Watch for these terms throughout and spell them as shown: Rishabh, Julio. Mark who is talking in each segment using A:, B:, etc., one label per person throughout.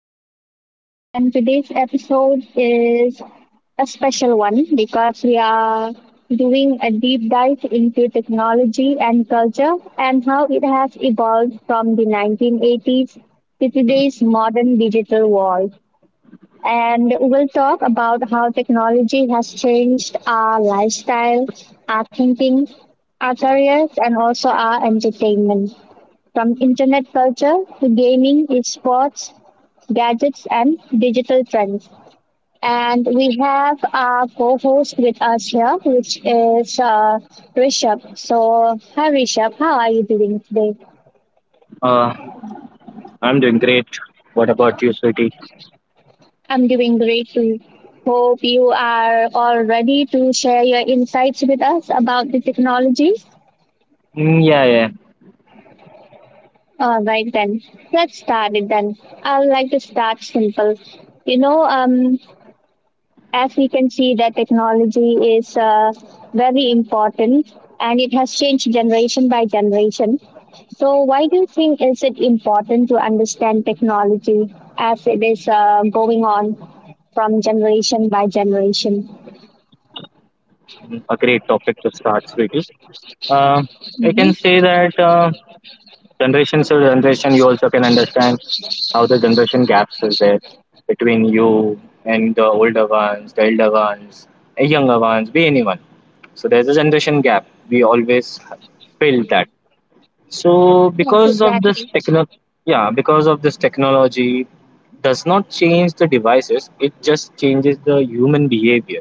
A: podcast. And today's episode is a special one because we are doing a deep dive into technology and culture and how it has evolved from the 1980s to today's modern digital world. And we'll talk about how technology has changed our lifestyle, our thinking, our careers, and also our entertainment. From internet culture to gaming, esports, gadgets, and digital trends. And we have our co host with us here, which is Rishabh. So, hi Rishabh, how are you doing today?
B: Uh, I'm doing great. What about you, sweetie?
A: I'm doing great too. Hope you are all ready to share your insights with us about the technologies.
B: Mm, yeah, yeah.
A: All right, then let's start it. Then I would like to start simple. You know, um, as we can see that technology is very important, and it has changed generation by generation. So why do you think is it important to understand technology as it is going on from generation by generation?
B: Mm, a great topic to start, sweetie. Uh, I can
A: Hmm.
B: say that generation to generation, you also can understand how the generation gaps is there between you and the older ones, the elder ones, the younger ones, be anyone. So there's a generation gap. We always feel that. So
A: Yes,
B: because of this
A: exactly.
B: techno yeah, because of this technology does not change the devices, it just changes the human behavior,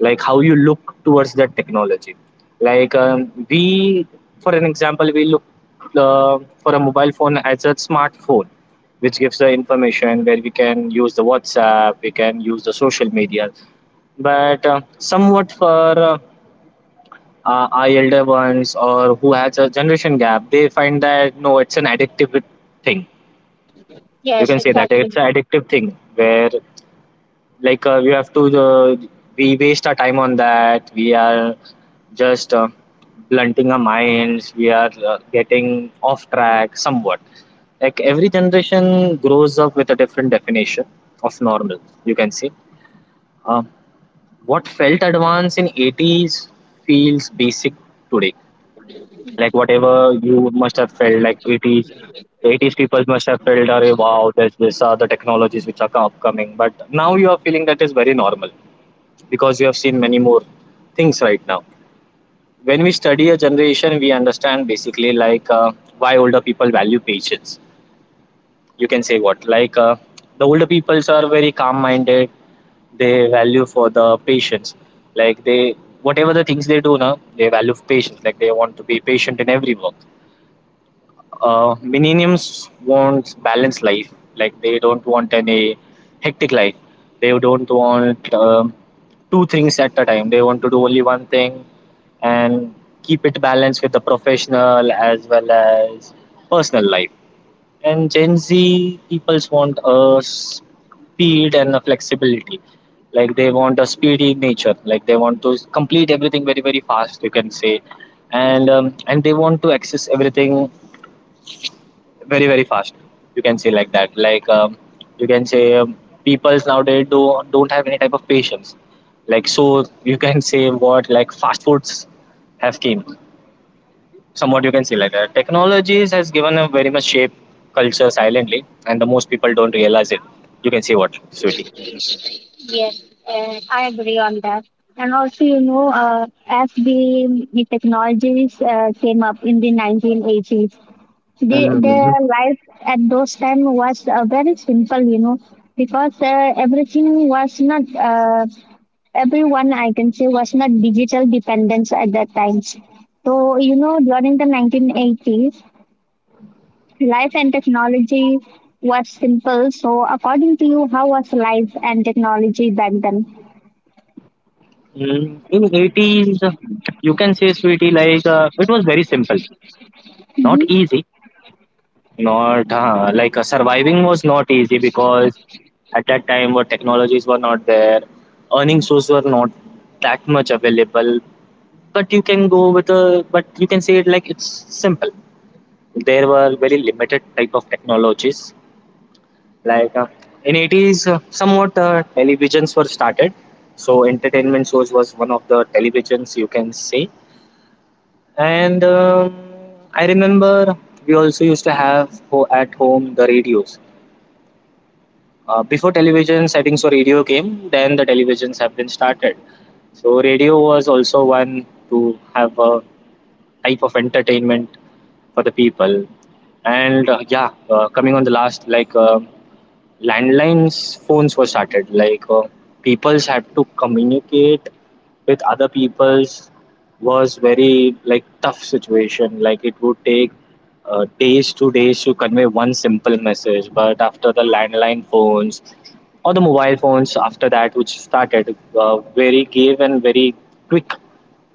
B: like how you look towards that technology. Like we, for an example, we look for a mobile phone as a smartphone, which gives the information where we can use the WhatsApp, we can use the social media. But somewhat for our elder ones or who has a generation gap, they find that no, it's an addictive thing. You
A: Yes,
B: can say that
A: exactly.
B: it's an addictive thing where like we have to we waste our time on that. We are just blunting our minds. We are getting off track somewhat. Like every generation grows up with a different definition of normal. You can say. Um, what felt advanced in 80s feels basic today. Like whatever you must have felt, like 80s, 80s people must have felt, "Arey, wow, there's this are the technologies which are upcoming." But now you are feeling that is very normal because you have seen many more things right now. When we study a generation, we understand basically like why older people value patience. You can say what, like the older peoples are very calm-minded. They value for the patience, like they whatever the things they do now, they value patience. Like they want to be patient in every work. Millennials want balanced life. Like they don't want any hectic life. They don't want two things at a time. They want to do only one thing and keep it balanced with the professional as well as personal life. And Gen Z peoples want a speed and a flexibility. Like they want a speedy nature. Like they want to complete everything very very fast. You can say, and they want to access everything very very fast. You can say like that, like you can say, peoples nowadays don't have any type of patience. Like so you can say what, like fast foods have came somewhat. You can say like that, technologies has given a very much shape culture silently and the most people don't realize it. You can say what, sweetie?
A: Yes, I agree on that. And also, as the technologies came up in the 1980s, their
B: Mhm.
A: life at those time was very simple. Because everything was not, everyone, I can say, was not digital dependence at that time. So during the 1980s, life and technology was simple. So according to you, how was life and technology back then?
B: Mm, in 80s you can say sweetie like it was very simple, not easy. Not like surviving was not easy because at that time what technologies were not there, earning sources were not that much available. But you can go with a but you can say it like it's simple. There were very limited type of technologies. Like in 80s, somewhat televisions were started. So entertainment source was one of the televisions you can say. And I remember we also used to have at home the radios. Before television settings for radio came, then the televisions have been started. So radio was also one to have a type of entertainment for the people. And yeah, coming on the last, like landlines phones were started, like peoples had to communicate with other peoples was very like tough situation. Like it would take days to days to convey one simple message. But after the landline phones or the mobile phones after that which started very gave and very quick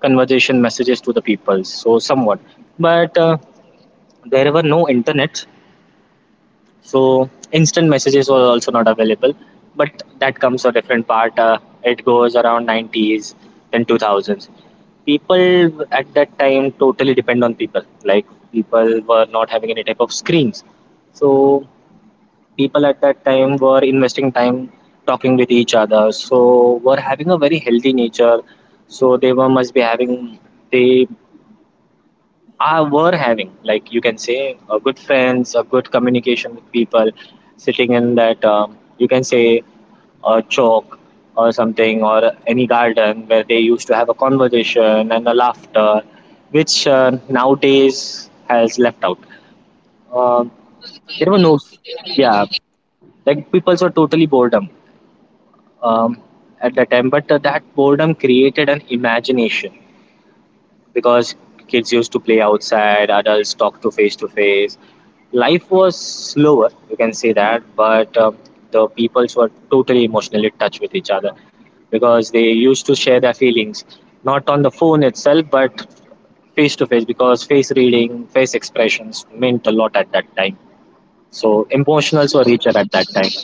B: conversation messages to the people so somewhat. But there were no internet, so instant messages were also not available. But that comes a different part. It goes around 90s, then 2000s people at that time totally depend on people. Like people were not having any type of screens, so people at that time were investing time talking with each other, so were having a very healthy nature. So they were must be having they I were having, like you can say, a good friends, a good communication with people, sitting in that you can say a chalk or something or any garden where they used to have a conversation and a laughter, which nowadays has left out. Um there were no, yeah, like people were totally boredom um, at that time. But that boredom created an imagination because kids used to play outside, adults talk to face to face. Life was slower you can say that. But the peoples were totally emotionally touched with each other because they used to share their feelings not on the phone itself but face to face, because face reading face expressions meant a lot at that time, so emotionals were richer at that time.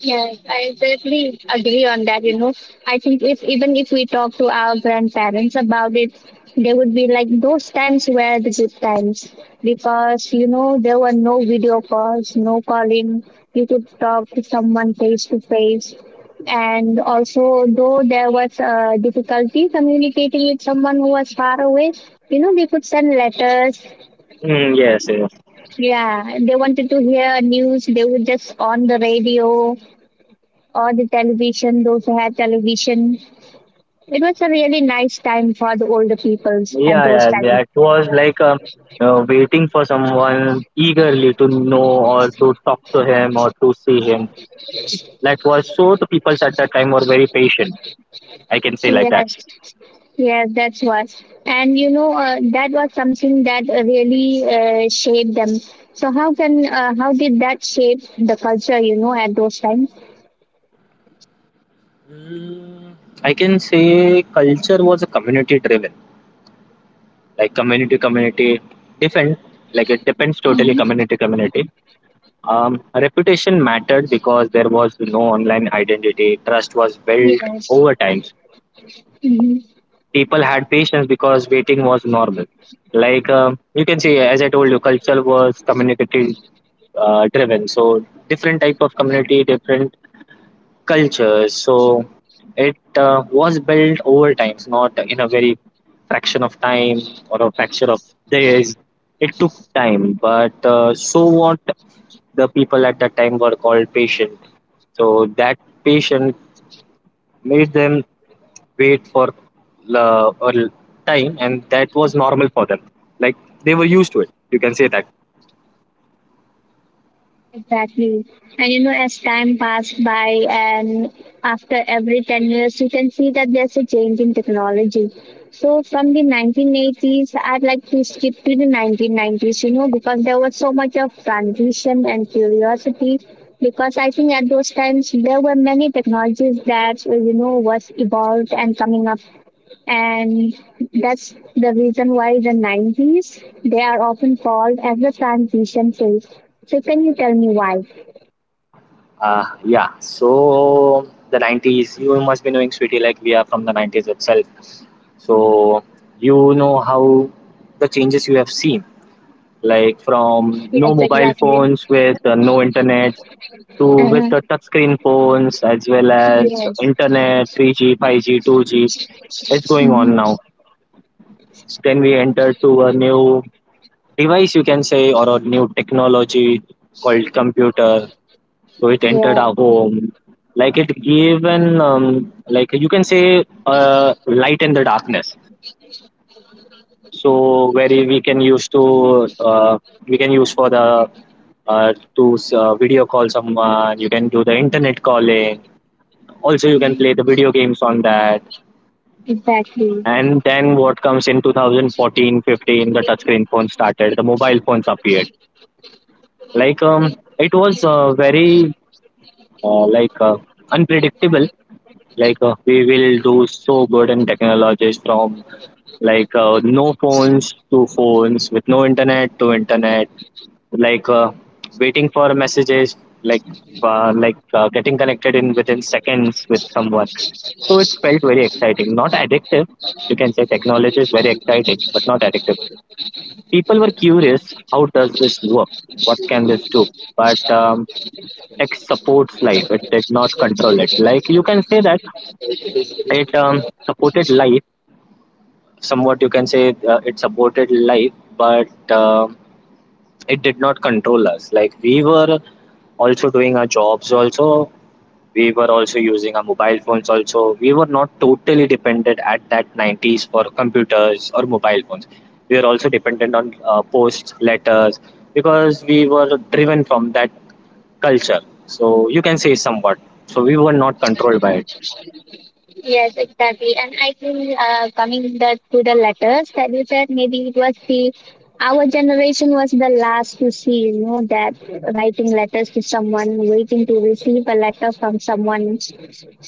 A: Yes, I definitely agree on that. You know, I think if even if we talk to our grandparents about it, they would be like, those times were the good times because, you know, there were no video calls, no calling. You could talk to someone face to face. And also, though there was a difficulty communicating with someone who was far away, you know, they could send letters.
B: Mm, yes, yes.
A: Yeah, they wanted to hear news, they would just on the radio or the television, those who had television. It was a really nice time for the older peoples at
B: Yeah,
A: those
B: yeah.
A: times.
B: That was like waiting for someone eagerly to know or to talk to him or to see him. That was so the peoples at that time were very patient. I can say like that.
A: Yes, yes, that's what. And you know, that was something that really shaped them. So how did that shape the culture? You know, at those times.
B: Mm, I can say culture was a community driven, like community community different. Like it depends totally
A: Mhm.
B: community community. Reputation mattered because there was no online identity. Trust was built
A: Yes.
B: over times.
A: Mm-hmm.
B: People had patience because waiting was normal. Like you can see, as I told you, culture was community driven. So different type of community, different cultures, so it was built over times, not in a very fraction of time or a fraction of days. It took time, but so what the people at that time were called patient. So that patient made them wait for uh, a l- time, and that was normal for them. Like they were used to it. You can say that.
A: Exactly. And you know, as time passed by and after every 10 years, you can see that there's a change in technology. So from the 1980s, I'd like to skip to the 1990s, you know, because there was so much of transition and curiosity. Because I think at those times, there were many technologies that, you know, was evolved and coming up, and that's the reason why the 90s they are often called as the transition phase. So can you tell me why?
B: Yeah, so the 90s, you must be knowing, Sweetie, like we are from the 90s itself. So you know how the changes you have seen, like from no
A: Yes,
B: mobile
A: exactly.
B: phones with no internet to with the
A: Uh-huh.
B: touchscreen phones as well as
A: Yes.
B: internet 3G, 5G, 2G. It's going on
A: Mhm.
B: now. So then we enter to a new device, you can say, or a new technology called computer, so it entered
A: Yeah.
B: our home. Like it gave an like you can say light in the darkness, so where we can use to uh, we can use for the to video call someone. You can do the internet calling. Also you can play the video games on that.
A: Exactly.
B: And then what comes in 2014, 15, the touchscreen phone started, the mobile phones appeared. Like it was very like unpredictable. Like we will do so good in technologies from, like no phones to phones with no internet to internet, like waiting for messages, like getting connected in within seconds with someone. So it felt very exciting not addictive. You can say technology is very exciting but not addictive. People were curious how does this work, what can this do. But tech supports life, it did not control it, like you can say that. It supported life somewhat. You can say it supported life, but it did not control us. Like we were also doing our jobs. Also, we were also using our mobile phones. Also, we were not totally dependent at that 90s for computers or mobile phones. We were also dependent on posts, letters, because we were driven from that culture. So you can say somewhat. So we were not controlled by it.
A: Yes, exactly. And I think coming to the letters that you said, maybe it was the our generation was the last to see, you know, that writing letters to someone, waiting to receive a letter from someone,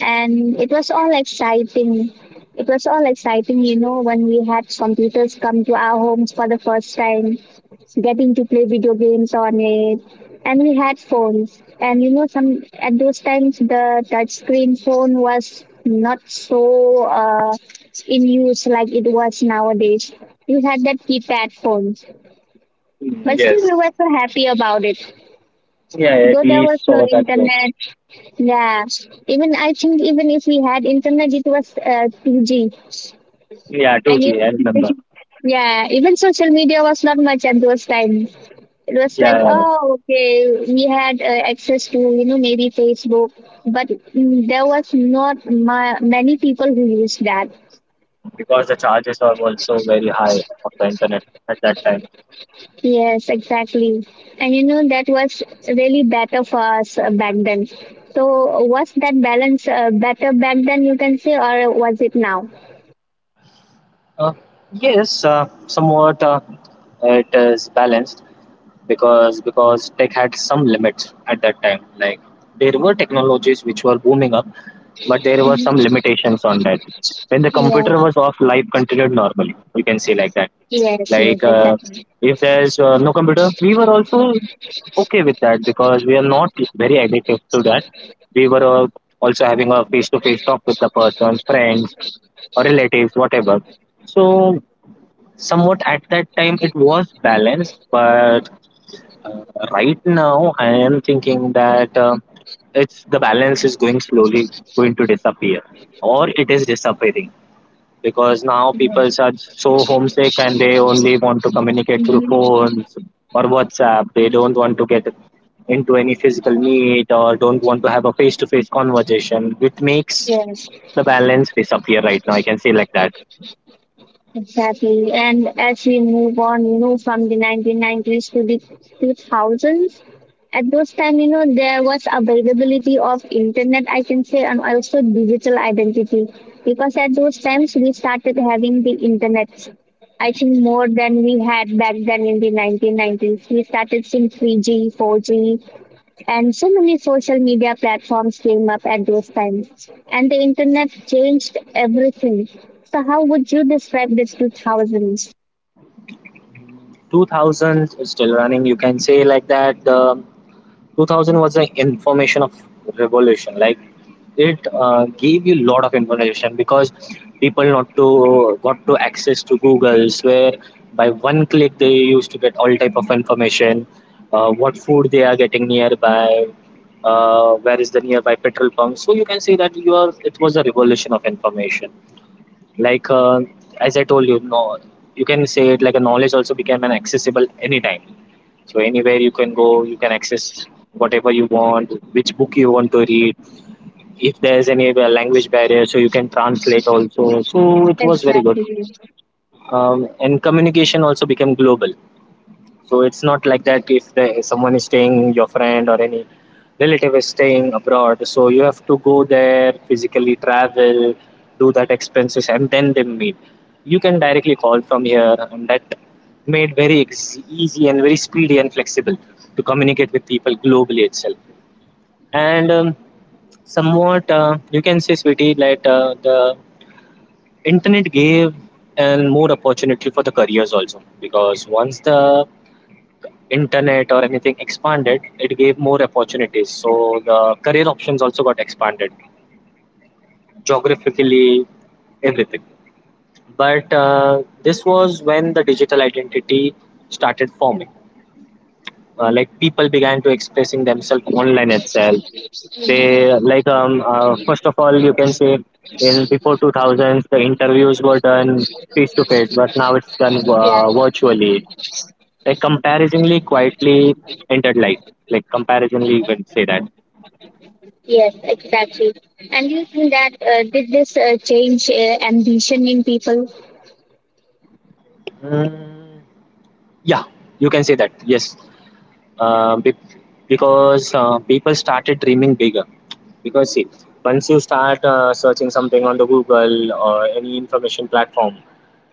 A: and it was all exciting. It was all exciting, you know, when we had computers come to our homes for the first time, getting to play video games on it, and we had phones. And you know some at those times the touch screen phone was not so in use like it was nowadays. We had that keypad phone,
B: Mm,
A: but still we
B: yes.
A: were so happy about it,
B: Yeah, yeah,
A: though there
B: we
A: was no
B: saw that.
A: internet. Yeah. Even I think even if we had internet it was 2G.
B: Yeah,
A: And
B: 2G, I
A: even,
B: remember.
A: yeah, even social media was not much at those times. It was
B: Yeah,
A: like,
B: yeah, yeah.
A: oh okay, we had access to, you know, maybe Facebook. But there was not many people who used that.
B: Because the charges are also very high of the internet at that time.
A: Yes, exactly. And you know that was really better for us back then. So was that balance better back then, you can say, or was it now?
B: Uh, yes, somewhat it is balanced because tech had some limits at that time. Like there were technologies which were booming up, but there were
A: Mhm.
B: some limitations on that. When the computer
A: Yes.
B: was off, life continued normally. You can say like that.
A: Yes.
B: Like
A: Yes, exactly.
B: if there's no computer, we were also okay with that because we are not very addictive to that. We were also having a face-to-face talk with the person's friends or relatives, whatever. So somewhat at that time it was balanced, but uh, right now I am thinking that it's the balance is going slowly going to disappear or it is disappearing because now people are so homesick and they only want to communicate through phones or WhatsApp. They don't want to get into any physical meet or don't want to have a face to face conversation, which makes
A: Yes.
B: the balance disappear right now. I can say like that.
A: Exactly. And as we move on, you know, from the 1990s to the 2000s, at those time, you know, there was availability of internet, I can say, and also digital identity. Because at those times, we started having the internet. I think more than we had back then in the 1990s. We started seeing 3G, 4G, and so many social media platforms came up at those times, and the internet changed everything. So how would you describe the 2000s?
B: 2000s is still running, you can say like that. The 2000 was the information of revolution, like it gave you a lot of information because people not to got to access to googles where by one click they used to get all type of information, what food they are getting nearby, where is the nearby petrol pump. So you can say that you are it was a revolution of information. like uh, as I told you no, you can say it like a knowledge also became an accessible anytime, so anywhere you can go, you can access whatever you want, which book you want to read. If there's any language barrier, so you can translate also. So it was very good,
A: Exactly.
B: and communication also became global. So it's not like that if the, someone is staying, your friend or any relative is staying abroad. So you have to go there, physically travel, do that expenses, and then they meet. You can directly call from here, and that made very easy and very speedy and flexible to communicate with people globally itself. And somewhat, you can say, sweetie, that the internet gave and more opportunity for the careers also, because once the internet or anything expanded, it gave more opportunities. So the career options also got expanded geographically, everything. But This was when the digital identity started forming. Like people began to expressing themselves online itself. They like first of all you can say in before 2000s the interviews were done face to face, but now it's done
A: Yeah.
B: virtually. Like comparatively quietly entered life. Like comparatively you can say that.
A: Yes, exactly. And you think that did this change ambition in people?
B: Mm, yeah, you can say that. Yes, uh, be- because people started dreaming bigger. Because see, once you start searching something on the Google or any information platform,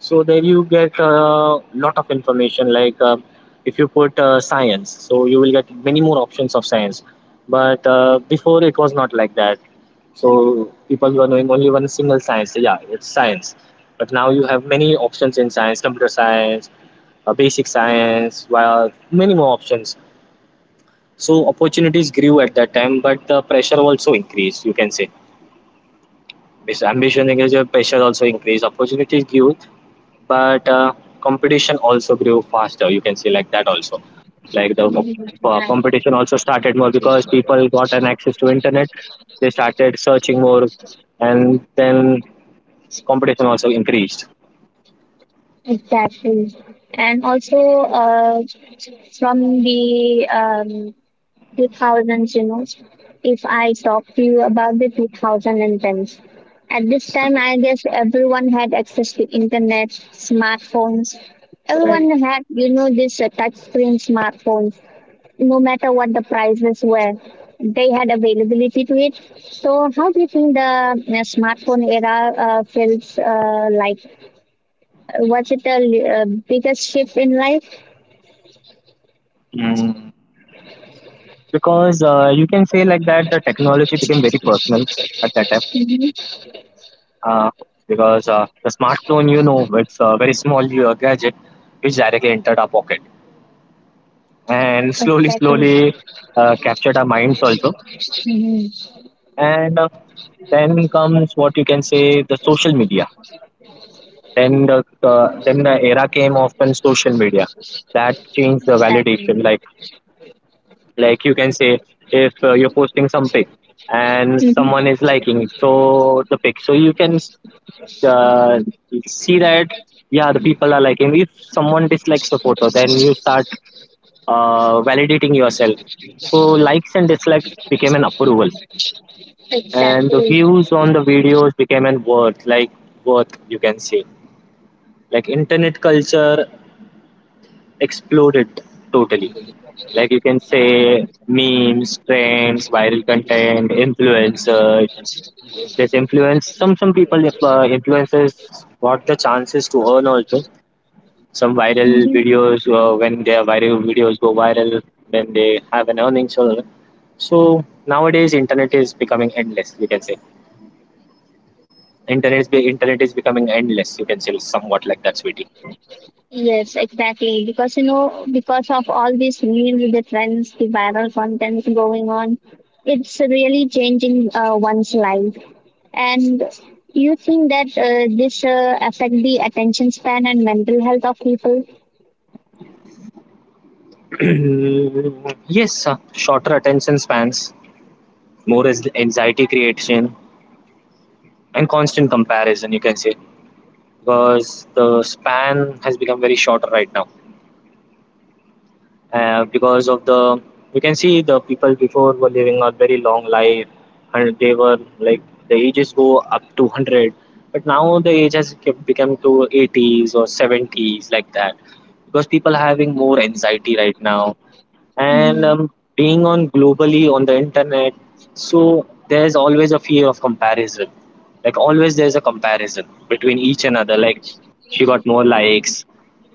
B: so there you get a lot of information. If you put science, so you will get many more options of science. But Before it was not like that. So people were knowing only one single science. So, yeah, it's science. But now you have many options in science, computer science, basic science, well, many more options. So opportunities grew at that time, but the pressure also increased. You can say because ambition increased, your pressure also increased. Opportunities grew, but competition also grew faster. You can say like that also, like the competition also started more because people got an access to internet. They started searching more, and then competition also increased.
A: Exactly. And also uh, from the um, 2000s, you know, if I talk to you about the 2010s. At this time, I guess everyone had access to internet, smartphones. Everyone
B: Right.
A: had, you know, this touch screen smartphones, no matter what the prices were. They had availability to it. So, how do you think the smartphone era feels like? Was it the biggest shift in life?
B: Mm. Because you can say like that, the technology became very personal at that time,
A: Hmm.
B: uh, because the smartphone, you know, it's a very small gadget which directly entered our pocket and slowly,
A: Exactly.
B: slowly captured our minds also.
A: Hmm.
B: And then comes what you can say the social media. Then the era came of when social media that changed the
A: Exactly.
B: validation. Like you can say if you're posting something and
A: Mhm.
B: someone is liking so the pic so you can uh, see that, yeah, the people are liking. If someone dislikes a photo then you start validating yourself, so likes and dislikes became an approval and the
A: Exactly.
B: views on the videos became an worth, like worth you can say. Like internet culture exploded totally. Like you can say memes, trends, viral content, influencers. There's influence, some people, if influencers got the chances to earn also. Some viral
A: Mhm.
B: videos, when their viral videos go viral, then they have an earnings. So so nowadays internet is becoming endless, you can say. Internet is becoming endless, you can say somewhat like that sweetie.
A: Yes, exactly. Because, you know, because of all these memes, the trends, the viral contents going on, it's really changing one's life. And you think that this affect the attention span and mental health of people?
B: Yes, shorter attention spans, more as anxiety creation, and constant comparison, you can say, because the span has become very shorter right now, because of the you can see the people before were living a very long life and they were like the ages go up to 100, but now the age has become to 80s or 70s like that because people are having more anxiety right now. And
A: Mhm.
B: being on globally on the internet, so there's always a fear of comparison. Like always there's a comparison between each another. Like she got more likes,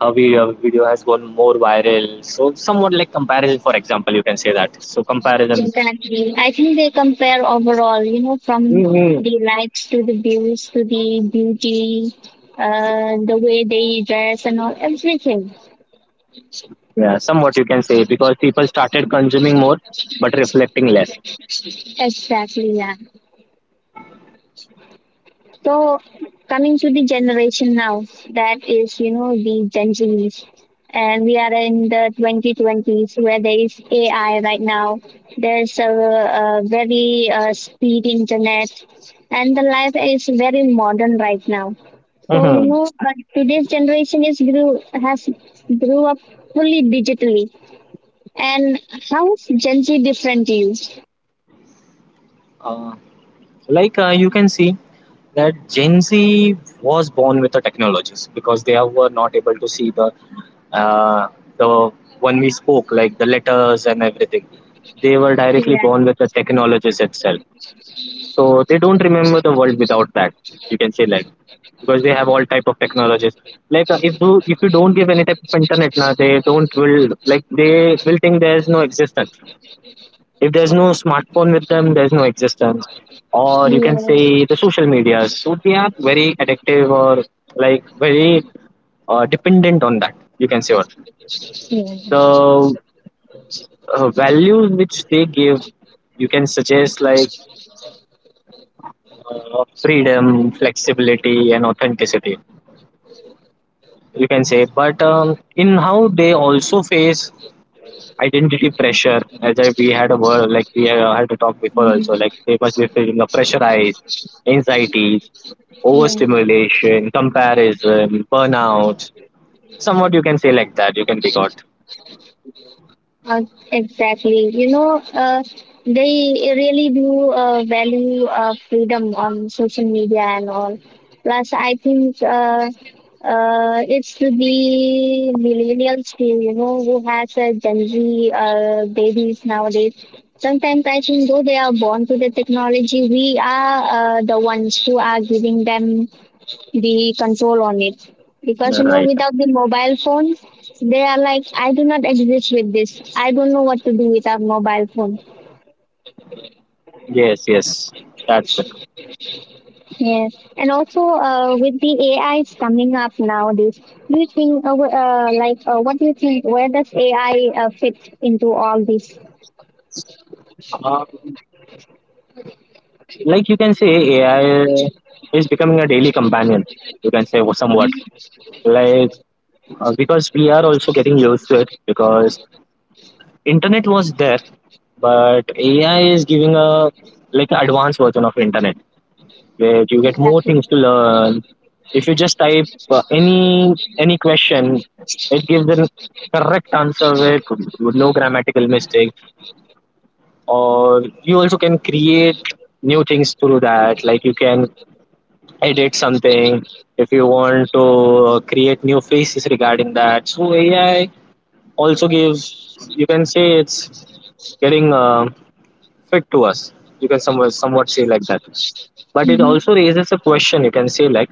B: her video has gone more viral, so somewhat like comparison for example you can say. That so comparison.
A: Exactly. I think they compare overall, you know, from
B: Hmm.
A: the likes to the views to the beauty, the way they dress and all, everything.
B: Yeah, somewhat you can say because people started consuming more but reflecting less.
A: Exactly, yeah. So coming to the generation now, that is, you know, the Gen Zs. And we are in the 2020s where there is AI right now. There's a very speed internet, and the life is very modern right now. So, you
B: Hmm.
A: know, today's generation has grew up fully digitally. And how is Gen Z different to you?
B: uh, you can see that Gen Z was born with the technologies because they were not able to see uh, the when we spoke like the letters and everything. They were directly
A: Yeah.
B: born with the technologies itself, so they don't remember the world without that. You can say that because they have all type of technologies. If you don't give any type of internet, now they don't will, like they will think there is no existence. If there's no smartphone with them, there's no existence. Or you
A: Yeah.
B: can say the social medias, so they are very addictive or like very dependent on that, you can say. What
A: Yeah.
B: the values which they give, you can suggest, like freedom, flexibility, and authenticity, you can say. But in how they also face identity pressure, as I, we had a word like we had to talk before also,
A: Mhm.
B: like they must be feeling a pressurized anxieties,
A: Yeah.
B: overstimulation, comparison, burnout. Somewhat you can say like that, you can take out.
A: Uh, exactly. You know, they really do value freedom on social media and all. Plus, I think it's the millennials too, you know, who has Gen Z babies nowadays. Sometimes I think though they are born to the technology, we are the ones who are giving them the control on it, because, you know,
B: Right.
A: without the mobile phone they are like, I do not exist with this. I don't know what to do without mobile phone.
B: Yes, yes, that's it.
A: Yeah. And also with the ais coming up nowadays, do you think what do you think, where does ai fit into all this?
B: um, like you can say AI is becoming a daily companion, you can say somewhat. Like because we are also getting used to it because Internet was there, but AI is giving a like advanced version of internet where you get more
A: Exactly.
B: things to learn. If you just type any question, it gives an correct answer with no grammatical mistake. Or you also can create new things through that. Like you can edit something if you want to create new faces regarding that. So AI also gives, you can say it's getting fit to us, you can somewhat say like that. But it
A: Hmm.
B: also raises a question, you can say.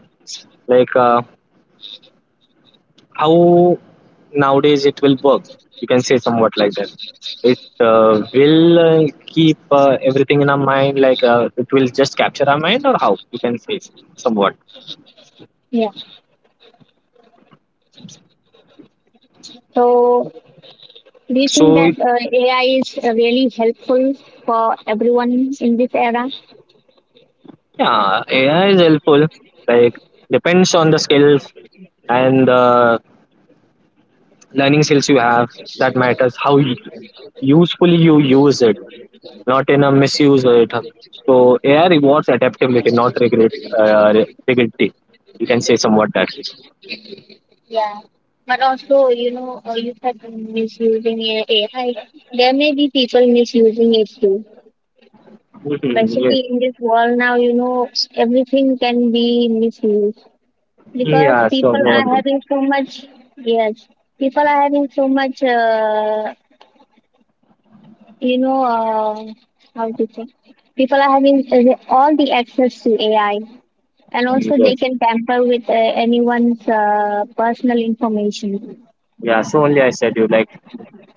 B: like uh, how nowadays it will work, you can say somewhat like that. It will keep everything in our mind, like it will just capture our mind or how you can say somewhat.
A: Yeah. So do you think
B: so
A: that
B: it-
A: ai is really helpful for everyone in this era?
B: yeah, AI is helpful. Like depends on the skills and the learning skills you have. That matters how you, usefully you use it, not in a misuse or it. So AI rewards adaptability, not regret, rigidity. You can say somewhat that.
A: Yeah, but also, you know, you said misusing AI. There may be people misusing it too.
B: Mhm, yeah.
A: Especially in this world now, you know, everything can be misused because
B: Yeah. So
A: people
B: no one.
A: are
B: Do.
A: having so much, yes, people are having so much, you know, how to say, people are having all the access to AI, and also they
B: Yes.
A: can tamper with anyone's personal information.
B: Yeah. So only I said you, like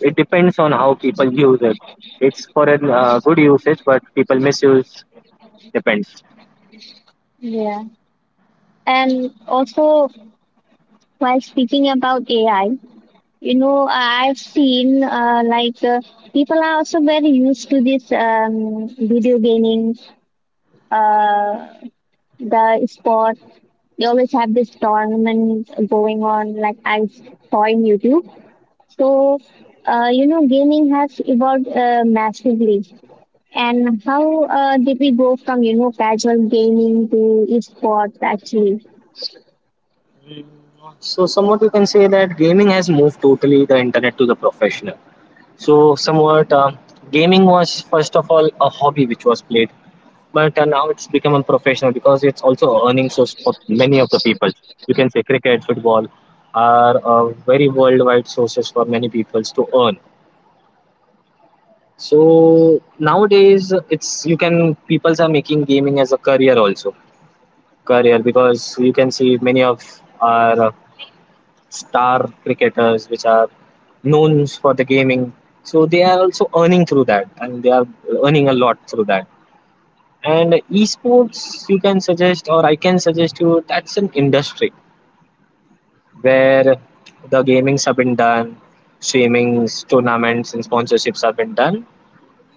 B: it depends on how people use it. It's for a good usage, but people misuse depends.
A: Yeah. And also, while speaking about AI, you know, I've seen people are also very used to this video gaming, uh, the sport. They always have this tournament going on, like I saw in YouTube. So, you know, gaming has evolved massively. And how did we go from, you know, casual gaming to esports actually?
B: So somewhat you can say that gaming has moved totally the internet to the professional. So somewhat Gaming was first of all a hobby which was played. But Now it's become a professional because it's also earning source for many of the people. You can say cricket, football are very worldwide sources for many people to earn. So nowadays, it's you can peoples are making gaming as a career also. Career because you can see many of our star cricketers which are known for the gaming. So they are also earning through that, and they are earning a lot through that. And esports, you can suggest, or I can suggest you, that's an industry where the gamings have been done, streamings, tournaments, and sponsorships have been done.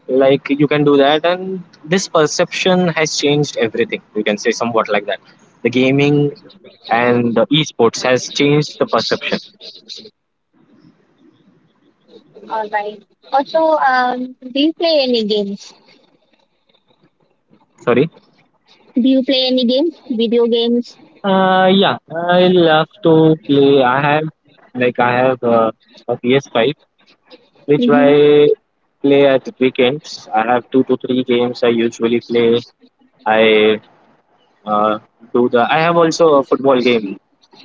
B: Like you can do that, and this perception has changed everything. You can say somewhat like that. The gaming and the esports has changed the perception.
A: All right. Also, do you play any games?
B: Sorry.
A: Do you play any game? Video games?
B: Yeah, I love to play. I have a PS5 which I
A: Hmm.
B: play at weekends. I have two to three games I usually play. I uh, do the. I have also a football game,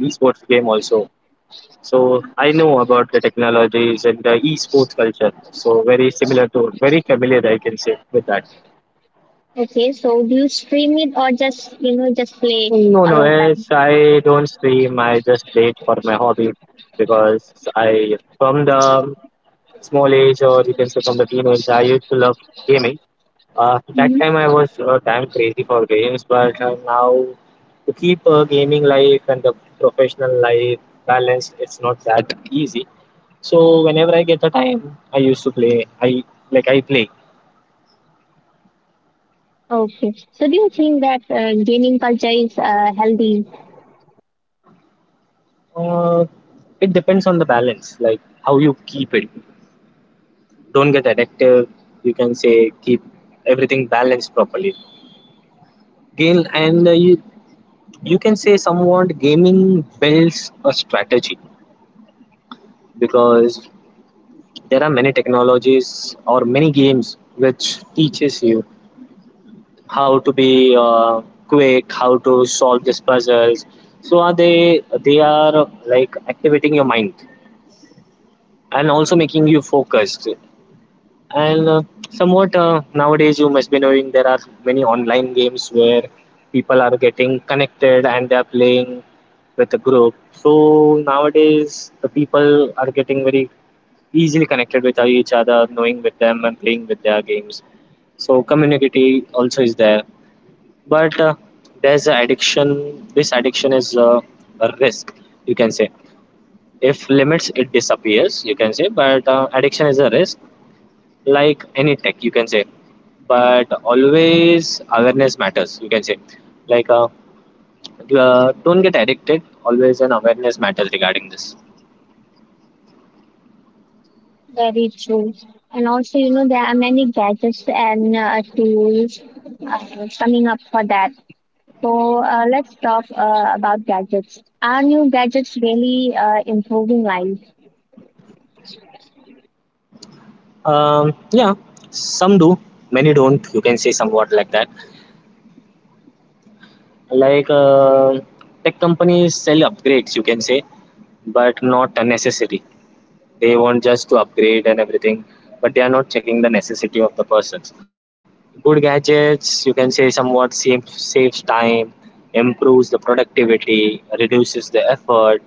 B: esports game also. So I know about the technologies and the esports culture. So very similar to, very familiar, I can say, with that.
A: Okay, so do you stream it or just, you know, just play
B: No,
A: a
B: no,
A: long time?
B: yes, I don't stream. I just play it for my hobby because I, from the small age or you can say from the teenage, I used to love gaming. That
A: Hmm.
B: time I was time crazy for games, but now to keep gaming life and the professional life balanced, it's not that easy. So whenever I get the time, I used to play. I play.
A: Okay. So do you think that gaming culture is healthy?
B: Uh, it depends on the balance, like how you keep it. Don't get addictive. You can say keep everything balanced properly. Gain and you you can say somewhat gaming builds a strategy because there are many technologies or many games which teaches you how to be quick, how to solve these puzzles. So are they are like activating your mind and also making you focused. And somewhat nowadays you must be knowing there are many online games where people are getting connected and they are playing with a group. So nowadays the people are getting very easily connected with each other, knowing with them and playing with their games. So community also is there, but there's a addiction. This addiction is a risk, you can say. If limits, it disappears, you can say. But Addiction is a risk, like any tech, you can say. But always awareness matters, you can say. Like uh, don't get addicted. Always an awareness matters regarding this.
A: Very true. And also, you know, there are many gadgets and tools coming up for that. So let's talk about gadgets. Are new gadgets really improving life?
B: Yeah, some do, many don't. You can say somewhat like that. Like uh, Tech companies sell upgrades, you can say, but not a necessity. They want just to upgrade and everything, but they are not checking the necessity of the persons. Good gadgets, you can say, somewhat save, saves time, improves the productivity, reduces the effort.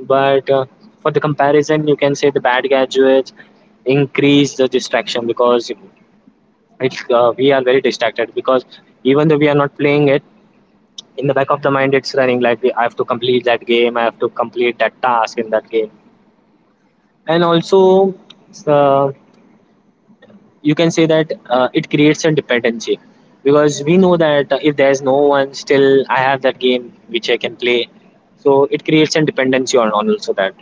B: But For the comparison, you can say the bad gadgets increase the distraction, because it we are very distracted because even though we are not playing it, in the back of the mind it's running like I have to complete that game, I have to complete that task in that game. And also uh, you can say that it creates a dependency because we know that if there's no one still I have that game which I can play. So it creates a dependency on also that.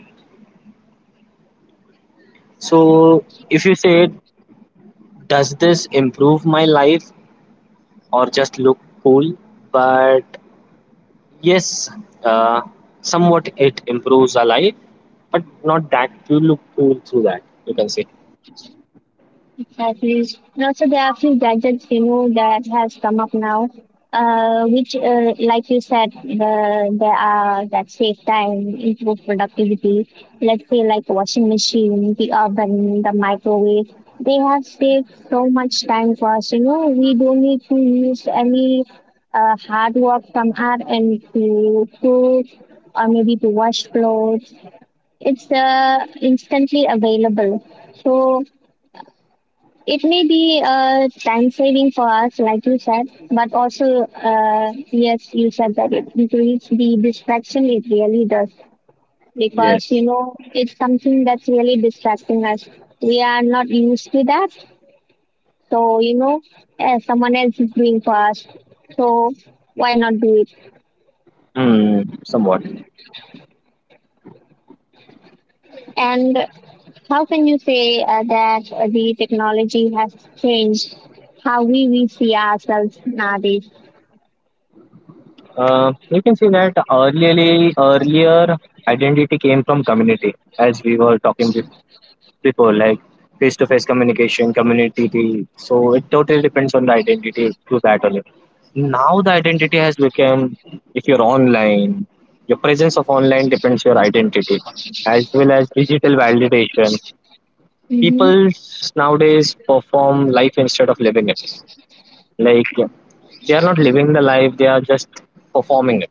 B: So if you say does this improve my life or just look cool, but yes, uh, somewhat it improves our life, but not that you look cool through that, you can say.
A: At least, and also there are a few gadgets, you know, that has come up now, which, like you said, there are that save time, improve productivity. Let's say like washing machine, the oven, the microwave. They have saved so much time for us. You know, we don't need to use any hard work from our end to cook or maybe to wash clothes. It's instantly available. So it may be time saving for us, like you said, but also, yes, you said that it increases the distraction. It really does because, you
B: Yes.
A: know, it's something that's really distracting us. We are not used to that, so, you know, someone else is doing for us. So why not do it?
B: Hmm, somewhat.
A: And how can you say that the technology has changed how we see ourselves nowadays?
B: You can see that earlier, earlier identity came from community, as we were talking before. Before, like face to face communication, community. So it totally depends on the identity to that only. Now the identity has become if you're online, your presence of online depends your identity, as well as digital validation.
A: Mm-hmm.
B: People nowadays perform life instead of living it. Like they are not living the life; they are just performing it.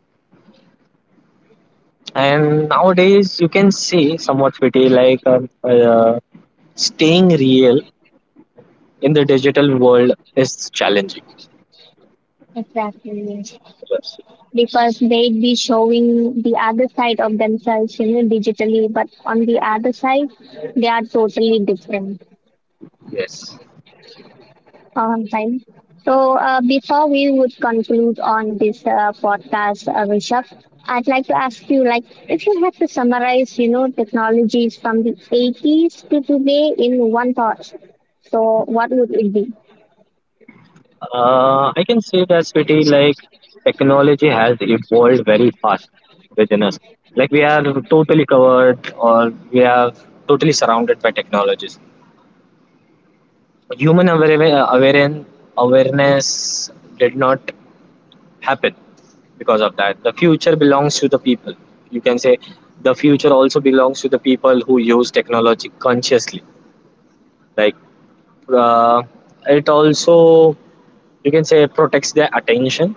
B: And nowadays, you can see somewhat pretty like staying real in the digital world is challenging.
A: Exactly. Because they'd be showing the other side of themselves, you know, digitally, but on the other side they are totally different,
B: Yes.
A: right? So before we would conclude on this podcast, Rishabh, I'd like to ask you, like, if you had to summarize, you know, technologies from the 80s to today in one thought, so what would it be?
B: I can say that Swati, like technology has evolved very fast within us. Like we are totally covered or we are totally surrounded by technologies. Human aware- awareness did not happen because of that. The future belongs to the people. You can say the future also belongs to the people who use technology consciously. Like uh, it also you can say protects their attention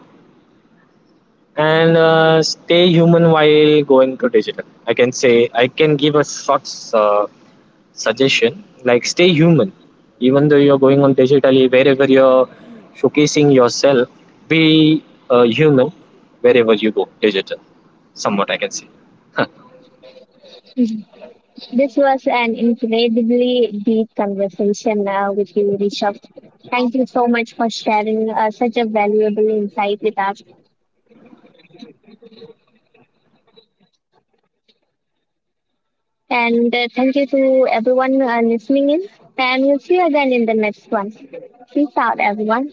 B: and stay human while going to digital, I can say. I can give a short uh, suggestion, like stay human even though you're going on digitally. Wherever you're showcasing yourself, be human wherever you go digital, somewhat I can say.
A: This was an incredibly deep conversation with you, Rishabh. Thank you so much for sharing such a valuable insight with us. And thank you to everyone listening in. And we'll see you again in the next one. Peace out, everyone.